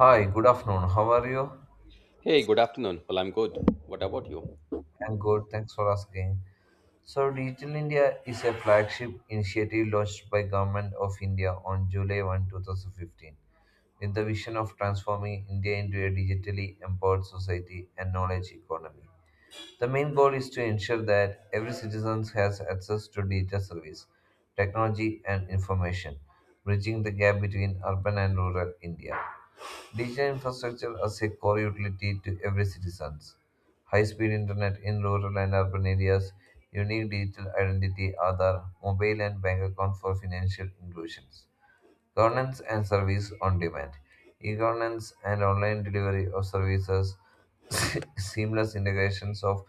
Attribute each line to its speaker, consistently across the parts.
Speaker 1: Hi, good afternoon. How are you?
Speaker 2: Hey, good afternoon. Well, I'm good. What about you?
Speaker 1: I'm good. Thanks for asking. So, Digital India is a flagship initiative launched by Government of India on July 1, 2015, with the vision of transforming India into a digitally empowered society and knowledge economy. The main goal is to ensure that every citizen has access to digital service, technology, and information, bridging the gap between urban and rural India. Digital infrastructure as a core utility to every citizen. High-speed internet in rural and urban areas, unique digital identity, Aadhaar, mobile and bank account for financial inclusions. Governance and service on demand. E governance and online delivery of services, seamless integrations of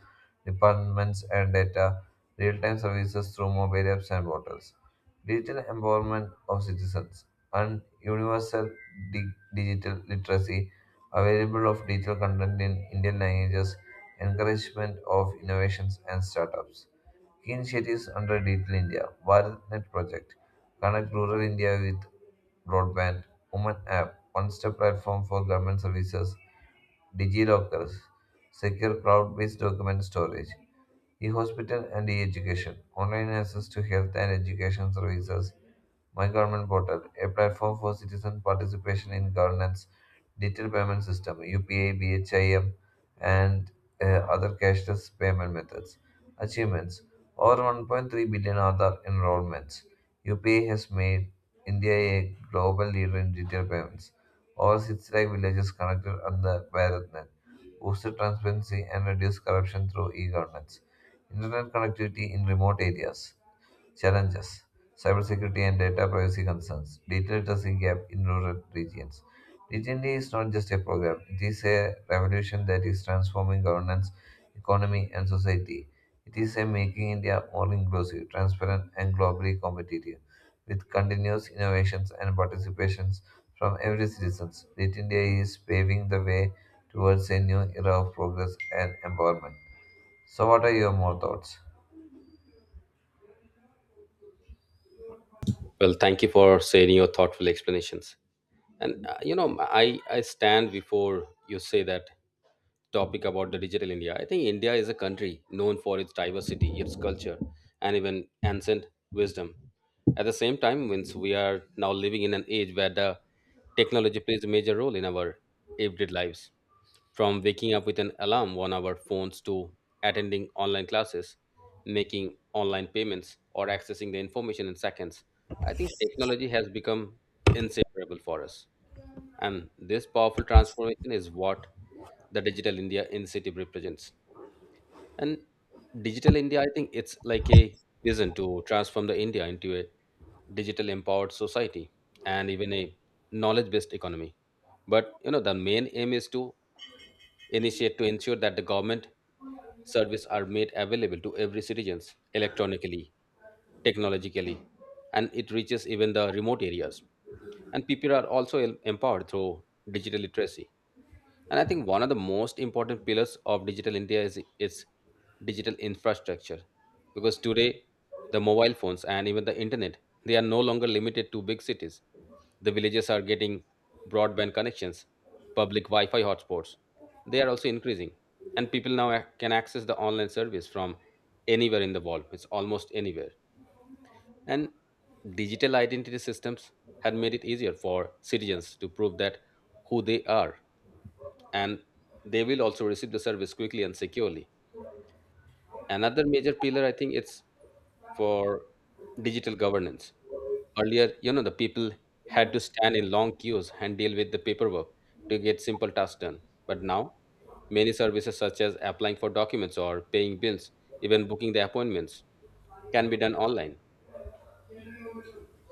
Speaker 1: departments and data, real time services through mobile apps and portals, digital empowerment of citizens, and universal digital literacy, available of digital content in Indian languages, encouragement of innovations and startups. Key initiatives under Digital India, BharatNet project, connect rural India with broadband, Women app, one-step platform for government services, DigiLockers, secure cloud-based document storage. E hospital and e education. Online access to health and education services. My government portal. A platform for citizen participation in governance. Digital payment system. UPA, BHIM, and uh, other cashless payment methods. Achievements. Over 1.3 billion Aadhaar enrollments. UPA has made India a global leader in digital payments. Over 6 lakh villages connected under BharatNet boost transparency and reduce corruption through e-governance. Internet connectivity in remote areas. Challenges. Cybersecurity and data privacy concerns. Digital literacy gap in rural regions. Digital India is not just a program, it is a revolution that is transforming governance, economy, and society. It is a making India more inclusive, transparent, and globally competitive. With continuous innovations and participations from every citizen, Digital India is paving the way towards a new era of progress and empowerment. So, what are your more thoughts?
Speaker 2: Well, thank you for sharing your thoughtful explanations. And you know, I stand before you say that topic about the digital India. I think India is a country known for its diversity, its culture, and even ancient wisdom. At the same time, since we are now living in an age where the technology plays a major role in our everyday lives, from waking up with an alarm on our phones to attending online classes, making online payments, or accessing the information in seconds, I think technology has become inseparable for us. And this powerful transformation is what the Digital India Initiative represents. And Digital India, I think it's like a vision to transform the India into a digital empowered society and even a knowledge based economy, but you know the main aim is to initiate to ensure that the government service are made available to every citizens electronically, technologically, and it reaches even the remote areas, and people are also empowered through digital literacy. And I think one of the most important pillars of digital India is its digital infrastructure. Because today, the mobile phones and even the internet, they are no longer limited to big cities. The villages are getting broadband connections, public Wi-Fi hotspots. They are also increasing. And people now can access the online service from anywhere in the world. It's almost anywhere. And digital identity systems had made it easier for citizens to prove that who they are, and they will also receive the service quickly and securely. Another major pillar, I think, it's for digital governance. Earlier, you know, the people had to stand in long queues and deal with the paperwork to get simple tasks done. But now, many services such as applying for documents or paying bills, even booking the appointments, can be done online.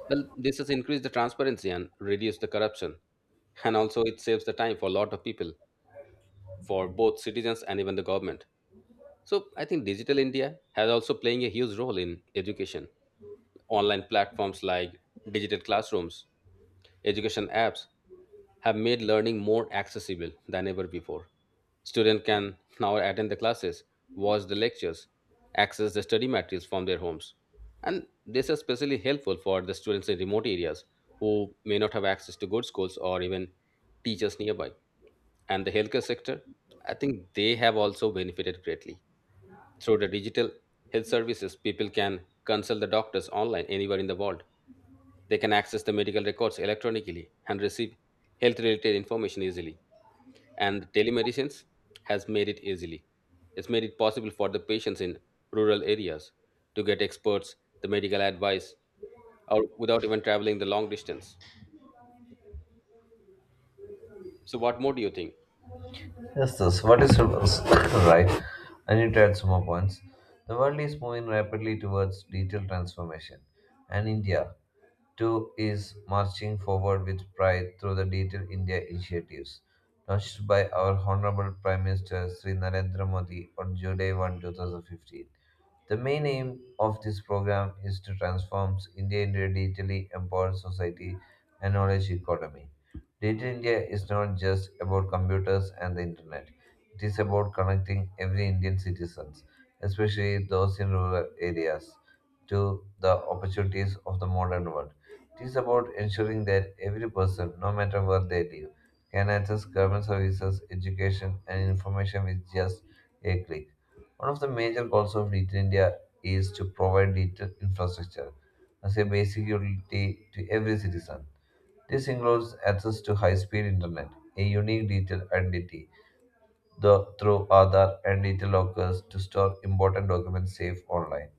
Speaker 2: Well, this has increased the transparency and reduced the corruption. And also, it saves the time for a lot of people, for both citizens and even the government. So I think Digital India has also playing a huge role in education. Online platforms like digital classrooms, education apps have made learning more accessible than ever before. Students can now attend the classes, watch the lectures, access the study materials from their homes. And this is especially helpful for the students in remote areas who may not have access to good schools or even teachers nearby. And the healthcare sector, I think they have also benefited greatly through the digital health services, people can consult the doctors online anywhere in the world. They can access the medical records electronically and receive health related information easily. And telemedicines has made it easily. It's made it possible for the patients in rural areas to get experts, the medical advice, or without even traveling the long distance. So, what more do you think?
Speaker 1: Yes, this. What is reverse? Right? I need to add some more points. The world is moving rapidly towards digital transformation, and India Two is marching forward with pride through the Digital India initiatives launched by our Honorable Prime Minister Sri Narendra Modi on July 1, 2015. The main aim of this program is to transform India into a digitally empowered society and knowledge economy. Digital India is not just about computers and the internet. It is about connecting every Indian citizen, especially those in rural areas, to the opportunities of the modern world. It is about ensuring that every person, no matter where they live, can access government services, education, and information with just a click. One of the major goals of Digital India is to provide digital infrastructure as a basic utility to every citizen. This includes access to high speed internet, a unique digital identity, through Aadhaar and digital lockers to store important documents safe online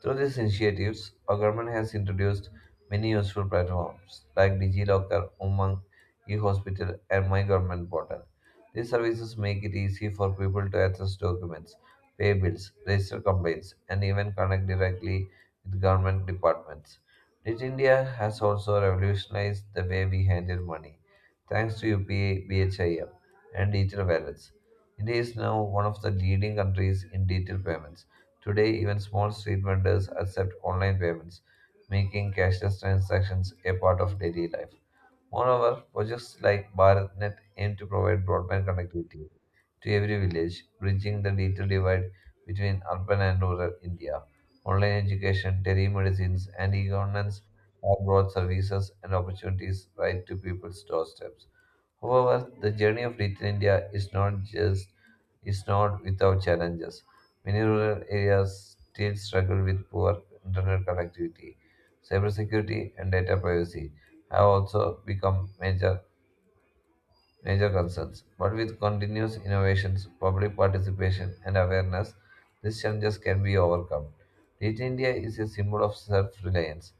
Speaker 1: through these initiatives. Our government has introduced many useful platforms like DigiLocker, Umang, eHospital, and My Government Portal. These services make it easy for people to access documents, pay bills, register complaints, and even connect directly with government departments. Digi India has also revolutionized the way we handle money, thanks to UPI, BHIM, and digital wallets. India is now one of the leading countries in digital payments. Today, even small street vendors accept online payments, making cashless transactions a part of daily life. Moreover, projects like BharatNet aim to provide broadband connectivity to every village, bridging the digital divide between urban and rural India. Online education, telemedicines, and e governance have brought services and opportunities right to people's doorsteps. However, the journey of Digital India is not without challenges. Many rural areas still struggle with poor internet connectivity. Cybersecurity and data privacy have also become major concerns. But with continuous innovations, public participation, and awareness, these challenges can be overcome. Digital India is a symbol of self reliance.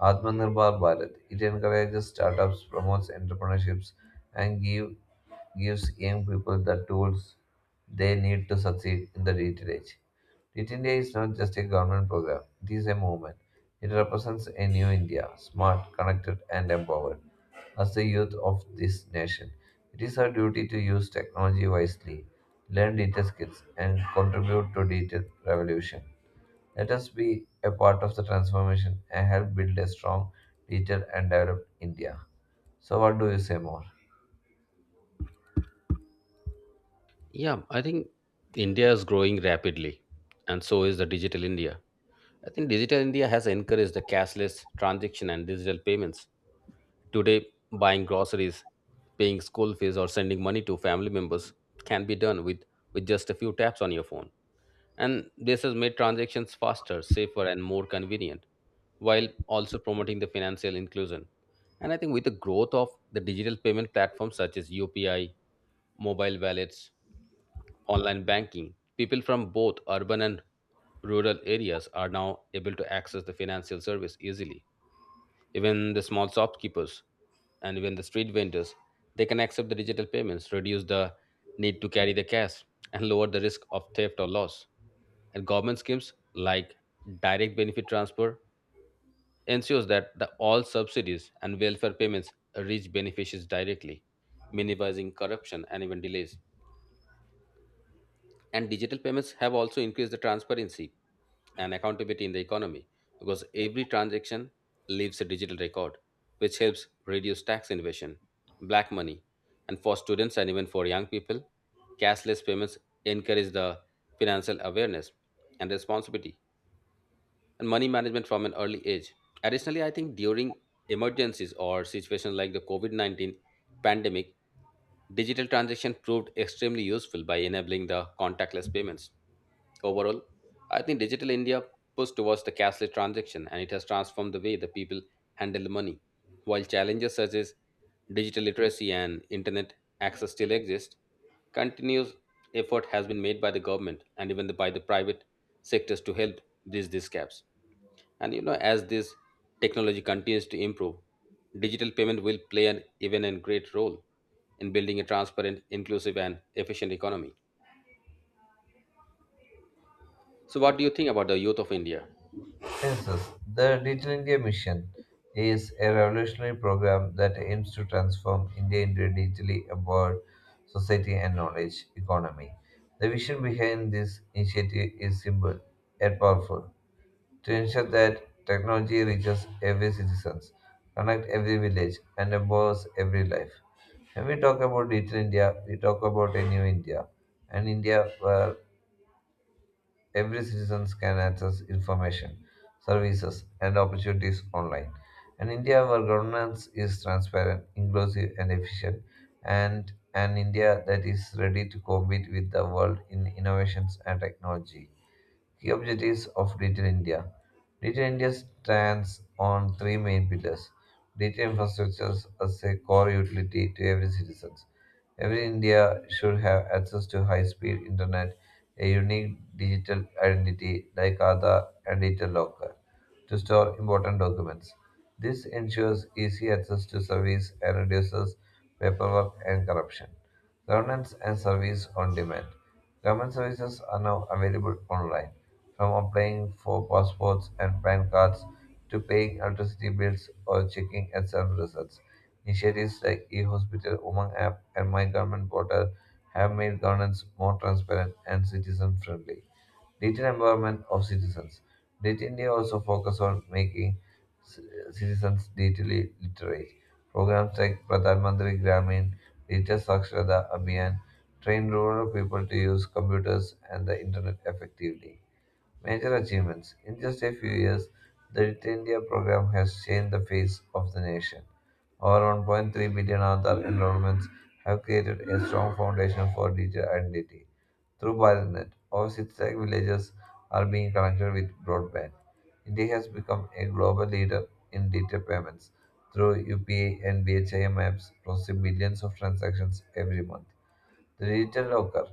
Speaker 1: Atmanirbhar Bharat. It encourages startups, promotes entrepreneurships, and gives young people the tools they need to succeed in the digital age. Digital India is not just a government program, it is a movement. It represents a new India, smart, connected, and empowered. As the youth of this nation, it is our duty to use technology wisely, learn digital skills, and contribute to digital revolution. Let us be a part of the transformation and help build a strong, digital, and developed India. So, what do you say more?
Speaker 2: Yeah, I think India is growing rapidly, and so is the digital India. I think Digital India has encouraged the cashless transaction and digital payments. Today, buying groceries, paying school fees, or sending money to family members can be with just a few taps on your phone. And this has made transactions faster, safer, and more convenient, while also promoting the financial inclusion. And I think with the growth of the digital payment platforms such as UPI, mobile wallets, online banking, people from both urban and rural areas are now able to access the financial service easily. Even the small shopkeepers and even the street vendors, they can accept the digital payments, reduce the need to carry the cash, and lower the risk of theft or loss. And government schemes like direct benefit transfer ensures that the all subsidies and welfare payments reach beneficiaries directly, minimizing corruption and even delays. And digital payments have also increased the transparency and accountability in the economy because every transaction leaves a digital record, which helps reduce tax invasion, black money, and for students and even for young people, cashless payments encourage the financial awareness and responsibility and money management from an early age. Additionally, I think during emergencies or situations like the COVID 19 pandemic, digital transaction proved extremely useful by enabling the contactless payments. Overall, I think digital India pushed towards the cashless transaction and it has transformed the way the people handle money. While challenges such as digital literacy and internet access still exist, continuous effort has been made by the government and even by the private sectors to help these gaps. And you know, as this technology continues to improve, digital payment will play an even and great role in building a transparent, inclusive, and efficient economy. So, what do you think about the youth of India?
Speaker 1: Yes, yes. The Digital India Mission is a revolutionary program that aims to transform India into a digitally empowered society and knowledge economy. The vision behind this initiative is simple yet powerful to ensure that technology reaches every citizen, connect every village, and empowers every life. When we talk about Digital India, we talk about a new India, an India where every citizen can access information, services, and opportunities online. An India where governance is transparent, inclusive, and efficient, and an India that is ready to compete with the world in innovations and technology. Key objectives of Digital India. Digital India stands on three main pillars. Digital infrastructure as a core utility to every citizen. Every India should have access to high speed internet, a unique digital identity like Aadhaar and digital locker to store important documents. This ensures easy access to service and reduces paperwork and corruption. Governance and service on demand. Government services are now available online, from applying for passports and PAN cards to paying electricity bills or checking exam results. Initiatives like e-hospital, Umang app, and My Government portal have made governance more transparent and citizen-friendly. Digital empowerment of citizens. Digital India also focus on making c- citizens digitally literate. Programs like Pradhan Mantri Gramin, Digital Saksharata Abhiyan train rural people to use computers and the internet effectively. Major achievements. In just a few years, the Digital India program has changed the face of the nation. Over 1.3 billion Aadhaar enrollments have created a strong foundation for digital identity. Through BharatNet, over 6 lakh villages are being connected with broadband. India has become a global leader in digital payments. Through UPI and BHIM apps, processing billions of transactions every month. The digital locker.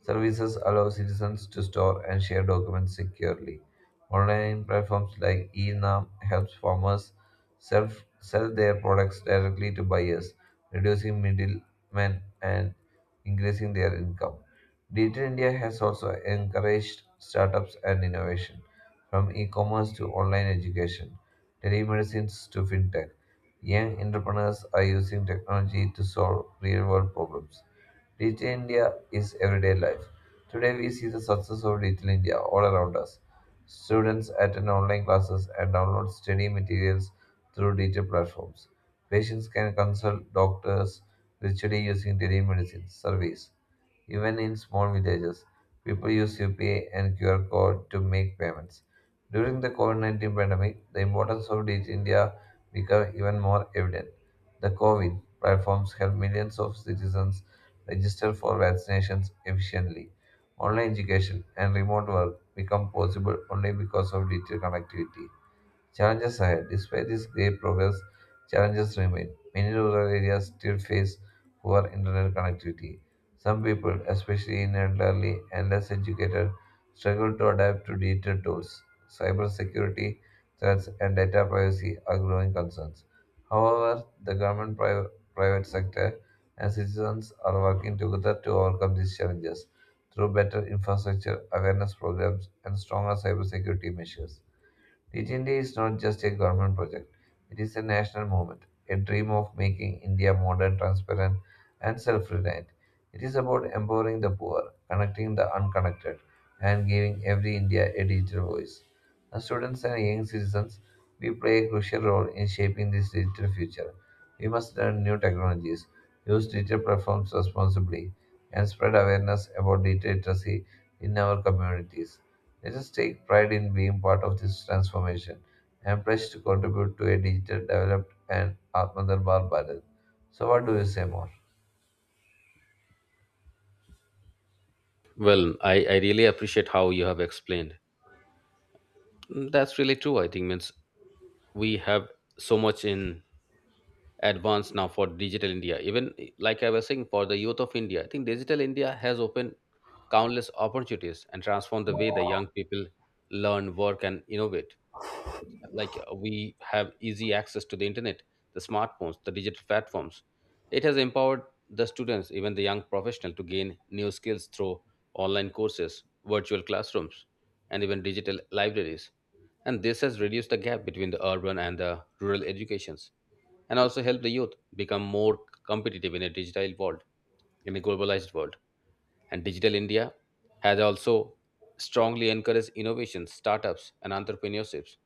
Speaker 1: Services allow citizens to store and share documents securely. Online platforms like eNAM helps farmers sell, sell their products directly to buyers, reducing middlemen and increasing their income. Digital India has also encouraged startups and innovation, from e-commerce to online education, telemedicines to fintech. Young entrepreneurs are using technology to solve real-world problems. Digital India is everyday life. Today we see the success of Digital India all around us. Students attend online classes and download study materials through digital platforms. Patients can consult doctors virtually using telemedicine service. Even in small villages, people use UPI and QR code to make payments. During the COVID 19 pandemic, the importance of Digital India became even more evident. The COVID platforms helped millions of citizens register for vaccinations efficiently. Online education and remote work become possible only because of digital connectivity. Challenges ahead. Despite this great progress, challenges remain. Many rural areas still face poor internet connectivity. Some people, especially in elderly and less educated, struggle to adapt to digital tools. Cybersecurity threats and data privacy are growing concerns. However, the government, private sector, and citizens are working together to overcome these challenges through better infrastructure, awareness programs, and stronger cybersecurity measures. Teach India is not just a government project, it is a national movement, a dream of making India modern, transparent, and self reliant. It is about empowering the poor, connecting the unconnected, and giving every India a digital voice. As students and young citizens, we play a crucial role in shaping this digital future. We must learn new technologies, use digital platforms responsibly, and spread awareness about digital literacy in our communities. Let us take pride in being part of this transformation and pledge to contribute to a digital developed and Atmanirbhar Bharat. So, what do you say more?
Speaker 2: Well, I really appreciate how you have explained. Mm, that's really true. I think means we have so much in advance now for digital India. Like I was saying, for the youth of India, I think digital India has opened countless opportunities and transformed the way the young people learn, work, and innovate, we have easy access to the internet, the smartphones, the digital platforms. It has empowered the students, even the young professional, to gain new skills through online courses, virtual classrooms, and even digital libraries. And this has reduced the gap between the urban and the rural educations, and also helped the youth become more competitive in a digital world, in a globalized world. And Digital India has also strongly encouraged innovations, startups, and entrepreneurships.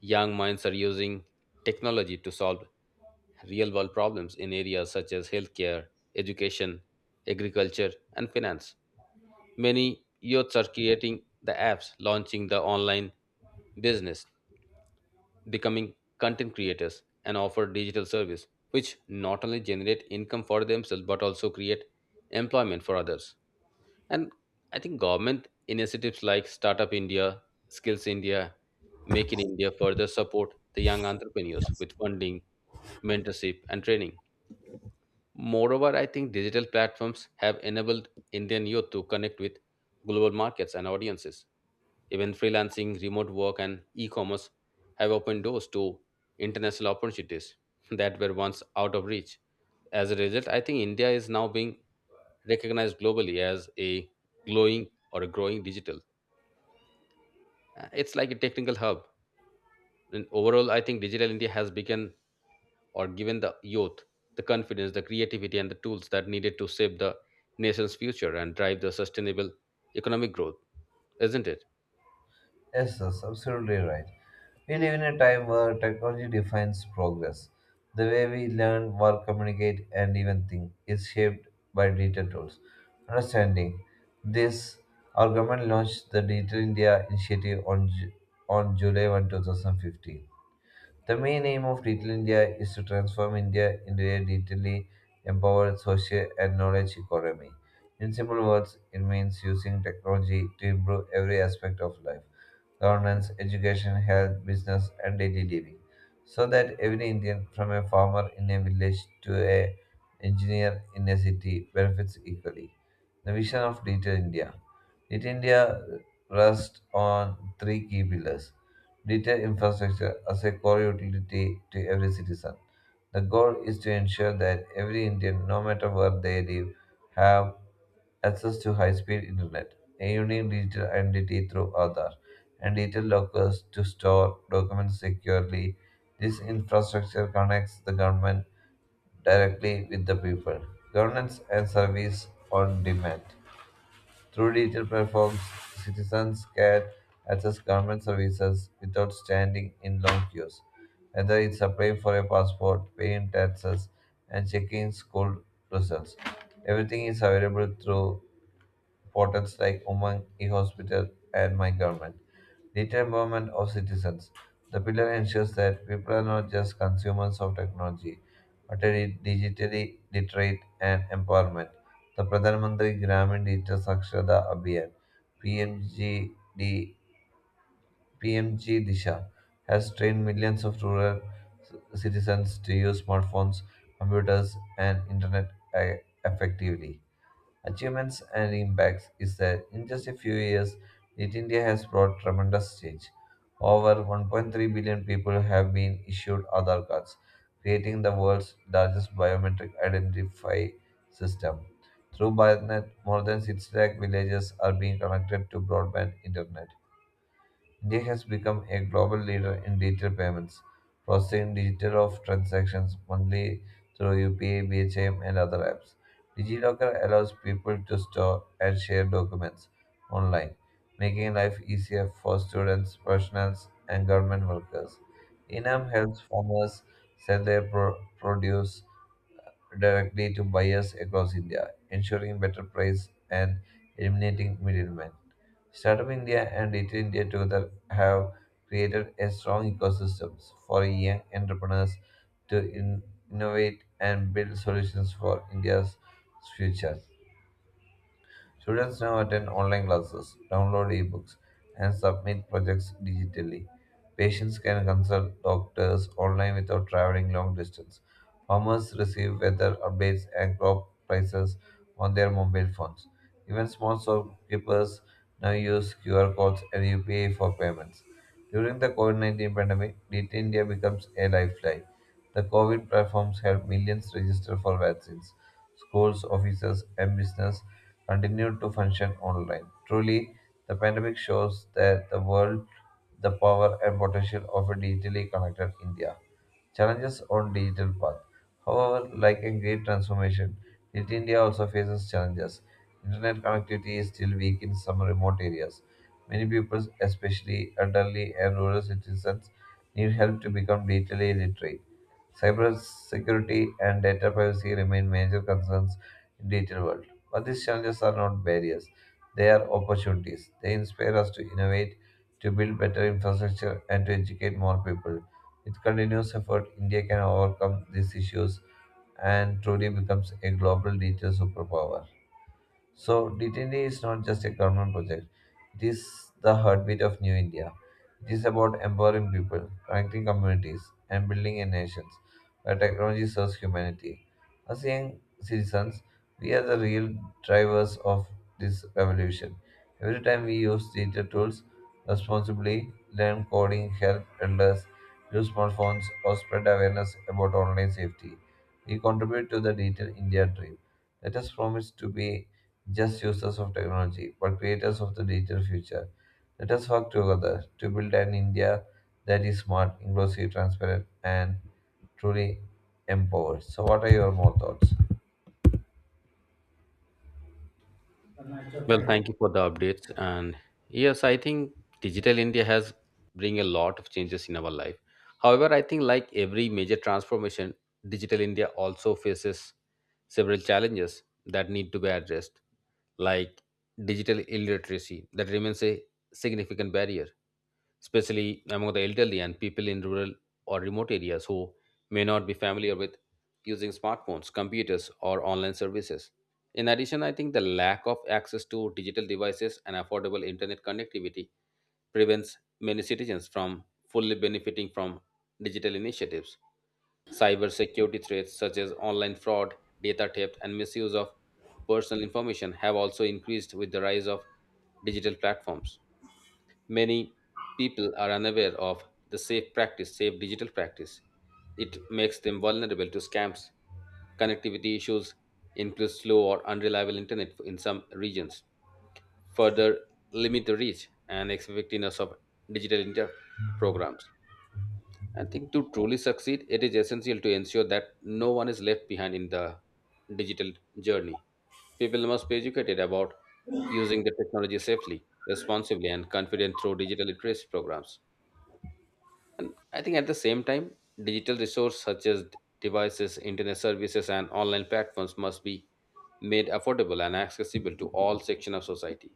Speaker 2: Young minds are using technology to solve real world problems in areas such as healthcare, education, agriculture, and finance. Many youths are creating the apps, launching the online business, becoming content creators, and offer digital service, which not only generate income for themselves but also create employment for others. And I think government initiatives like Startup India, Skills India, Make in India further support the young entrepreneurs with funding, mentorship, and training. Moreover, I think digital platforms have enabled Indian youth to connect with global markets and audiences. Even freelancing, remote work, and e commerce have opened doors to international opportunities that were once out of reach. As a result, I think India is now being recognized globally as a glowing or a growing digital It's like a technical hub. And overall, I think Digital India has become or given the youth the confidence, the creativity, and the tools that needed to shape the nation's future and drive the sustainable economic growth, isn't it?
Speaker 1: Yes, that's absolutely right. We live in a time where technology defines progress. The way we learn, work, communicate, and even think is shaped by digital tools. Understanding this, our government launched the Digital India Initiative on July 1, 2015. The main aim of Digital India is to transform India into a digitally empowered social and knowledge economy. In simple words, it means using technology to improve every aspect of life governance, education, health, business, and daily living. So that every Indian, from a farmer in a village to a engineer in a city, benefits equally. The vision of Digital India. Digital India rests on three key pillars. Digital infrastructure as a core utility to every citizen. The goal is to ensure that every Indian, no matter where they live, have access to high-speed internet, a unique digital identity through Aadhaar, and digital lockers to store documents securely. This infrastructure connects the government directly with the people. Governance and service on demand. Through digital platforms, citizens can access government services without standing in long queues. Whether it's applying for a passport, paying taxes, and checking school results, everything is available through portals like Umang, eHospital, and My Government. Data empowerment of citizens. The pillar ensures that people are not just consumers of technology, but are digitally literate and empowerment. The Pradhan Mantri Gramin Digital Sakshada Abhiyan (PMGD) Disha has trained millions of rural c- citizens to use smartphones, computers, and internet effectively achievements and impacts is that in just a few years, Knit India has brought tremendous change. Over 1.3 billion people have been issued Aadhaar cards, creating the world's largest biometric identify system. Through BharatNet, more than 6 lakh villages are being connected to broadband internet. India has become a global leader in digital payments, processing digital of transactions monthly through UPI, BHM, and other apps. DigiLocker allows people to store and share documents online, making life easier for students, professionals, and government workers. Inam helps farmers sell their produce directly to buyers across India, ensuring better price and eliminating middlemen. Startup India and Digital India together have created a strong ecosystem for young entrepreneurs to innovate and build solutions for India's future. Students now attend online classes, download ebooks, and submit projects digitally. Patients can consult doctors online without traveling long distance. Farmers receive weather updates and crop prices on their mobile phones. Even small shopkeepers now use QR codes and UPI for payments. During the COVID 19 pandemic, Digital India becomes a lifeline. The COVID platforms helped millions register for vaccines. Schools, offices, and business continued to function online. Truly, the pandemic shows that the world the power and potential of a digitally connected India. Challenges on digital path. However, like a great transformation, Digital India also faces challenges. Internet connectivity is still weak in some remote areas. Many people, especially elderly and rural citizens, need help to become digitally literate. Cybersecurity and data privacy remain major concerns in digital world. But these challenges are not barriers. They are opportunities. They inspire us to innovate, to build better infrastructure, and to educate more people. With continuous effort, India can overcome these issues and truly becomes a global digital superpower. So, DTD is not just a government project, it is the heartbeat of New India. It is about empowering people, connecting communities, and building a nation where technology serves humanity. As young citizens, we are the real drivers of this revolution. Every time we use digital tools responsibly, learn coding, help elders, use smartphones, or spread awareness about online safety, we contribute to the digital India dream. Let us promise to be just users of technology, but creators of the digital future. Let us work together to build an India that is smart, inclusive, transparent, and truly empowered. So, what are your more thoughts?
Speaker 2: Well, thank you for the updates. And yes, I think digital India has bring a lot of changes in our life. However, I think like every major transformation, digital India also faces several challenges that need to be addressed, like digital illiteracy that remains a significant barrier, especially among the elderly and people in rural or remote areas who may not be familiar with using smartphones, computers, or online services. In addition, I think the lack of access to digital devices and affordable internet connectivity prevents many citizens from fully benefiting from digital initiatives. Cybersecurity threats such as online fraud, data theft, and misuse of personal information have also increased with the rise of digital platforms. Many people are unaware of the safe practice, safe digital practice. It makes them vulnerable to scams. Connectivity issues includes slow or unreliable internet in some regions, further limit the reach and effectiveness of digital inter programs. I think to truly succeed, it is essential to ensure that no one is left behind in the digital journey. People must be educated about using the technology safely, responsibly, and confident through digital literacy programs. And I think at the same time, digital resources such as devices, internet services, and online platforms must be made affordable and accessible to all sections of society.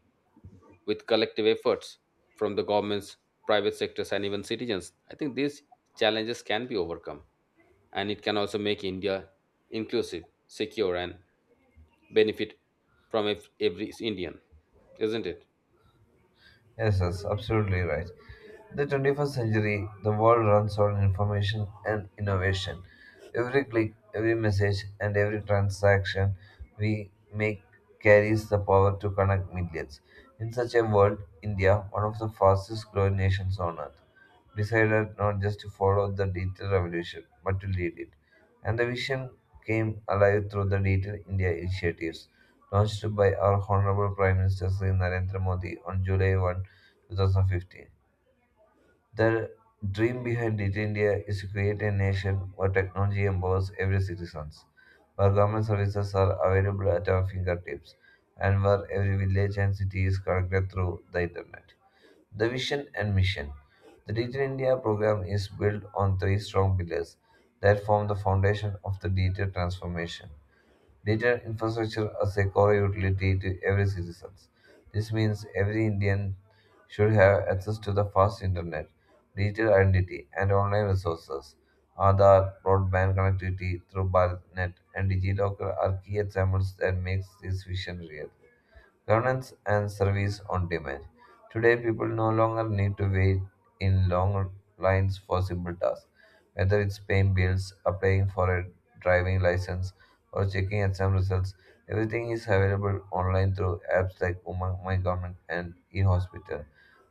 Speaker 2: With collective efforts from the governments, private sectors, and even citizens, I think these challenges can be overcome and it can also make India inclusive, secure, and benefit from every Indian, isn't it?
Speaker 1: Yes, that's absolutely right. The 21st century, the world runs on information and innovation. Every click, every message, and every transaction we make carries the power to connect millions. In such a world, India, one of the fastest growing nations on earth, decided not just to follow the digital revolution, but to lead it. And the vision came alive through the Digital India initiatives launched by our Honorable Prime Minister Sri Narendra Modi on July 1, 2015. The dream behind Digital India is to create a nation where technology empowers every citizen, where government services are available at our fingertips, and where every village and city is connected through the internet. The vision and mission. The Digital India program is built on three strong pillars that form the foundation of the digital transformation. Digital infrastructure as a core utility to every citizen. This means every Indian should have access to the fast internet, digital identity, and online resources. Aadhaar, broadband connectivity through BharatNet and DigiLocker are key examples that makes this vision real. Governance and service on demand. Today, people no longer need to wait in long lines for simple tasks, whether it's paying bills, applying for a driving license, or checking exam results. Everything is available online through apps like Umang, My Government, and eHospital.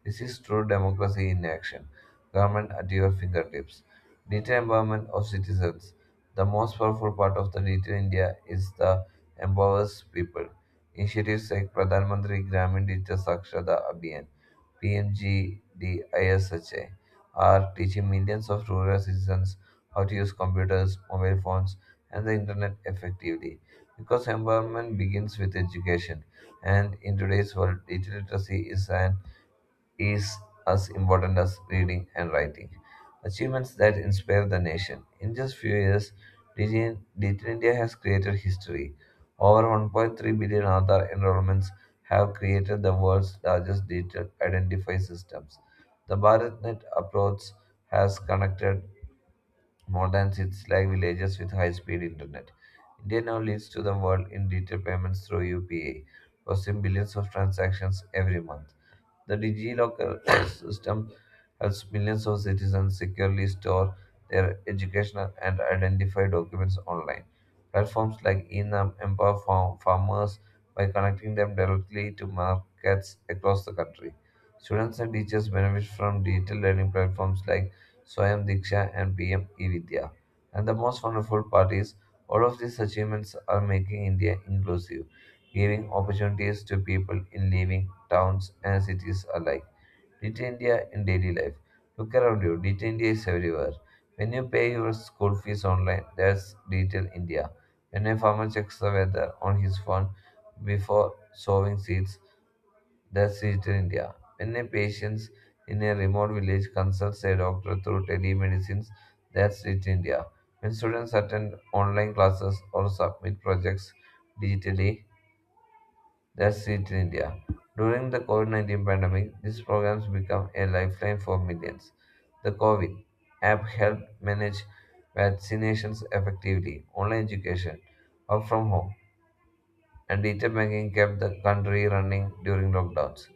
Speaker 1: This is true democracy in action. Government at your fingertips. Digital empowerment of citizens. The most powerful part of the digital India is the empowers people initiatives like Pradhan Mantri Gramin Digital Sakshata Abhiyan (PMGDISHA) are teaching millions of rural citizens how to use computers, mobile phones, and the internet effectively. Because empowerment begins with education, and in today's world, digital literacy is as important as reading and writing. Achievements that inspire the nation. In just few years, Digital India has created history. Over 1.3 billion Aadhaar enrollments have created the world's largest digital identify systems. The BharatNet approach has connected more than 6 lakh villages with high-speed internet. India now leads to the world in digital payments through UPI, processing billions of transactions every month. The DigiLocker system helps millions of citizens securely store their educational and identify documents online. Platforms like Enum empower farmers by connecting them directly to markets across the country. Students and teachers benefit from digital learning platforms like Swayam Diksha and PM eVidya. And the most wonderful part is all of these achievements are making India inclusive, giving opportunities to people in living towns, and cities alike. Little India in daily life. Look around you, Little India is everywhere. When you pay your school fees online, that's Little India. When a farmer checks the weather on his phone before sowing seeds, that's Little India. When a patient in a remote village consults a doctor through telemedicine, that's Little India. When students attend online classes or submit projects digitally, that's it, India. During the COVID 19 pandemic, these programs became a lifeline for millions. The COVID app helped manage vaccinations effectively, online education, work from home, and digital banking kept the country running during lockdowns.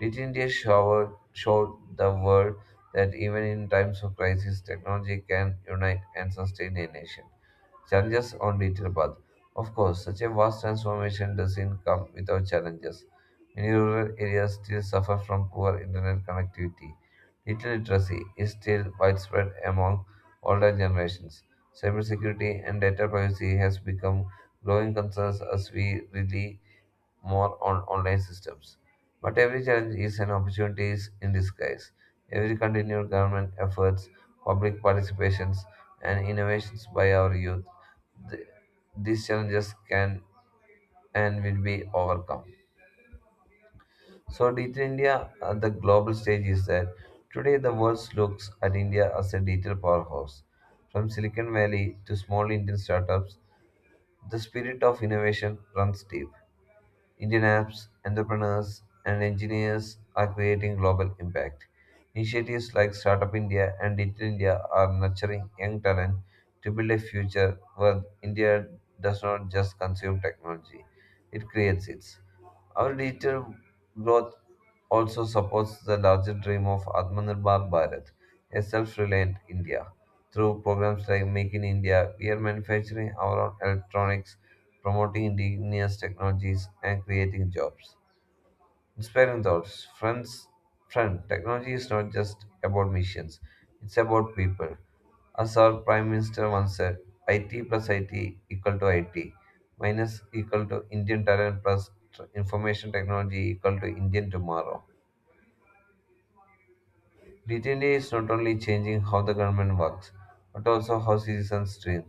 Speaker 1: Digital India showed the world that even in times of crisis, technology can unite and sustain a nation. Challenges on digital path. Of course, such a vast transformation doesn't come without challenges. Many rural areas still suffer from poor internet connectivity. Digital literacy is still widespread among older generations. Cybersecurity and data privacy has become growing concerns as we rely more on online systems. But every challenge is an opportunity in disguise. Every continued government efforts, public participations, and innovations by our youth, th- these challenges can and will be overcome. So, Digital India at the global stage is that today the world looks at India as a digital powerhouse. From Silicon Valley to small Indian startups, the spirit of innovation runs deep. Indian apps, entrepreneurs, and engineers are creating global impact. Initiatives like Startup India and Digital India are nurturing young talent to build a future where India does not just consume technology, it creates it. Our digital growth also supports the larger dream of Atmanirbhar Bharat, a self reliant India. Through programs like Make in India, we are manufacturing our own electronics, promoting indigenous technologies, and creating jobs. Inspiring thoughts. Friends, friend, technology is not just about missions, it's about people. As our Prime Minister once said, IT plus IT equal to IT, minus equal to Indian talent plus information technology equal to Indian tomorrow. Litany is not only changing how the government works, but also how citizens dream.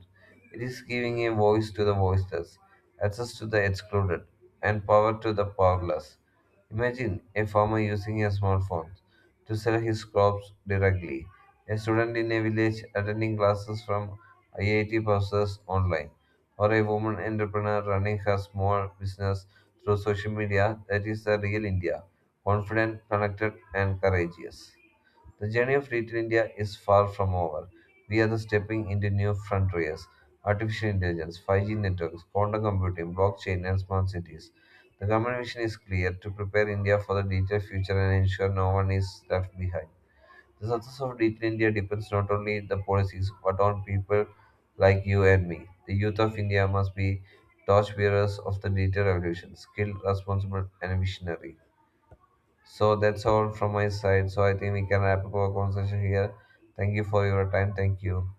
Speaker 1: It is giving a voice to the voiceless, access to the excluded, and power to the powerless. Imagine a farmer using a smartphone to sell his crops directly, a student in a village attending classes from IIT professors online, or a woman entrepreneur running her small business through social media. That is the real India confident, connected, and courageous. The journey of Little India is far from over. We are stepping into new frontiers artificial intelligence, 5G networks, quantum computing, blockchain, and smart cities. The government vision is clear to prepare India for the digital future and ensure no one is left behind. The success of Digital India depends not only on the policies but on people like you and me. The youth of India must be torchbearers of the digital revolution, skilled, responsible, and visionary. So that's all from my side. So I think we can wrap up our conversation here. Thank you for your time. Thank you.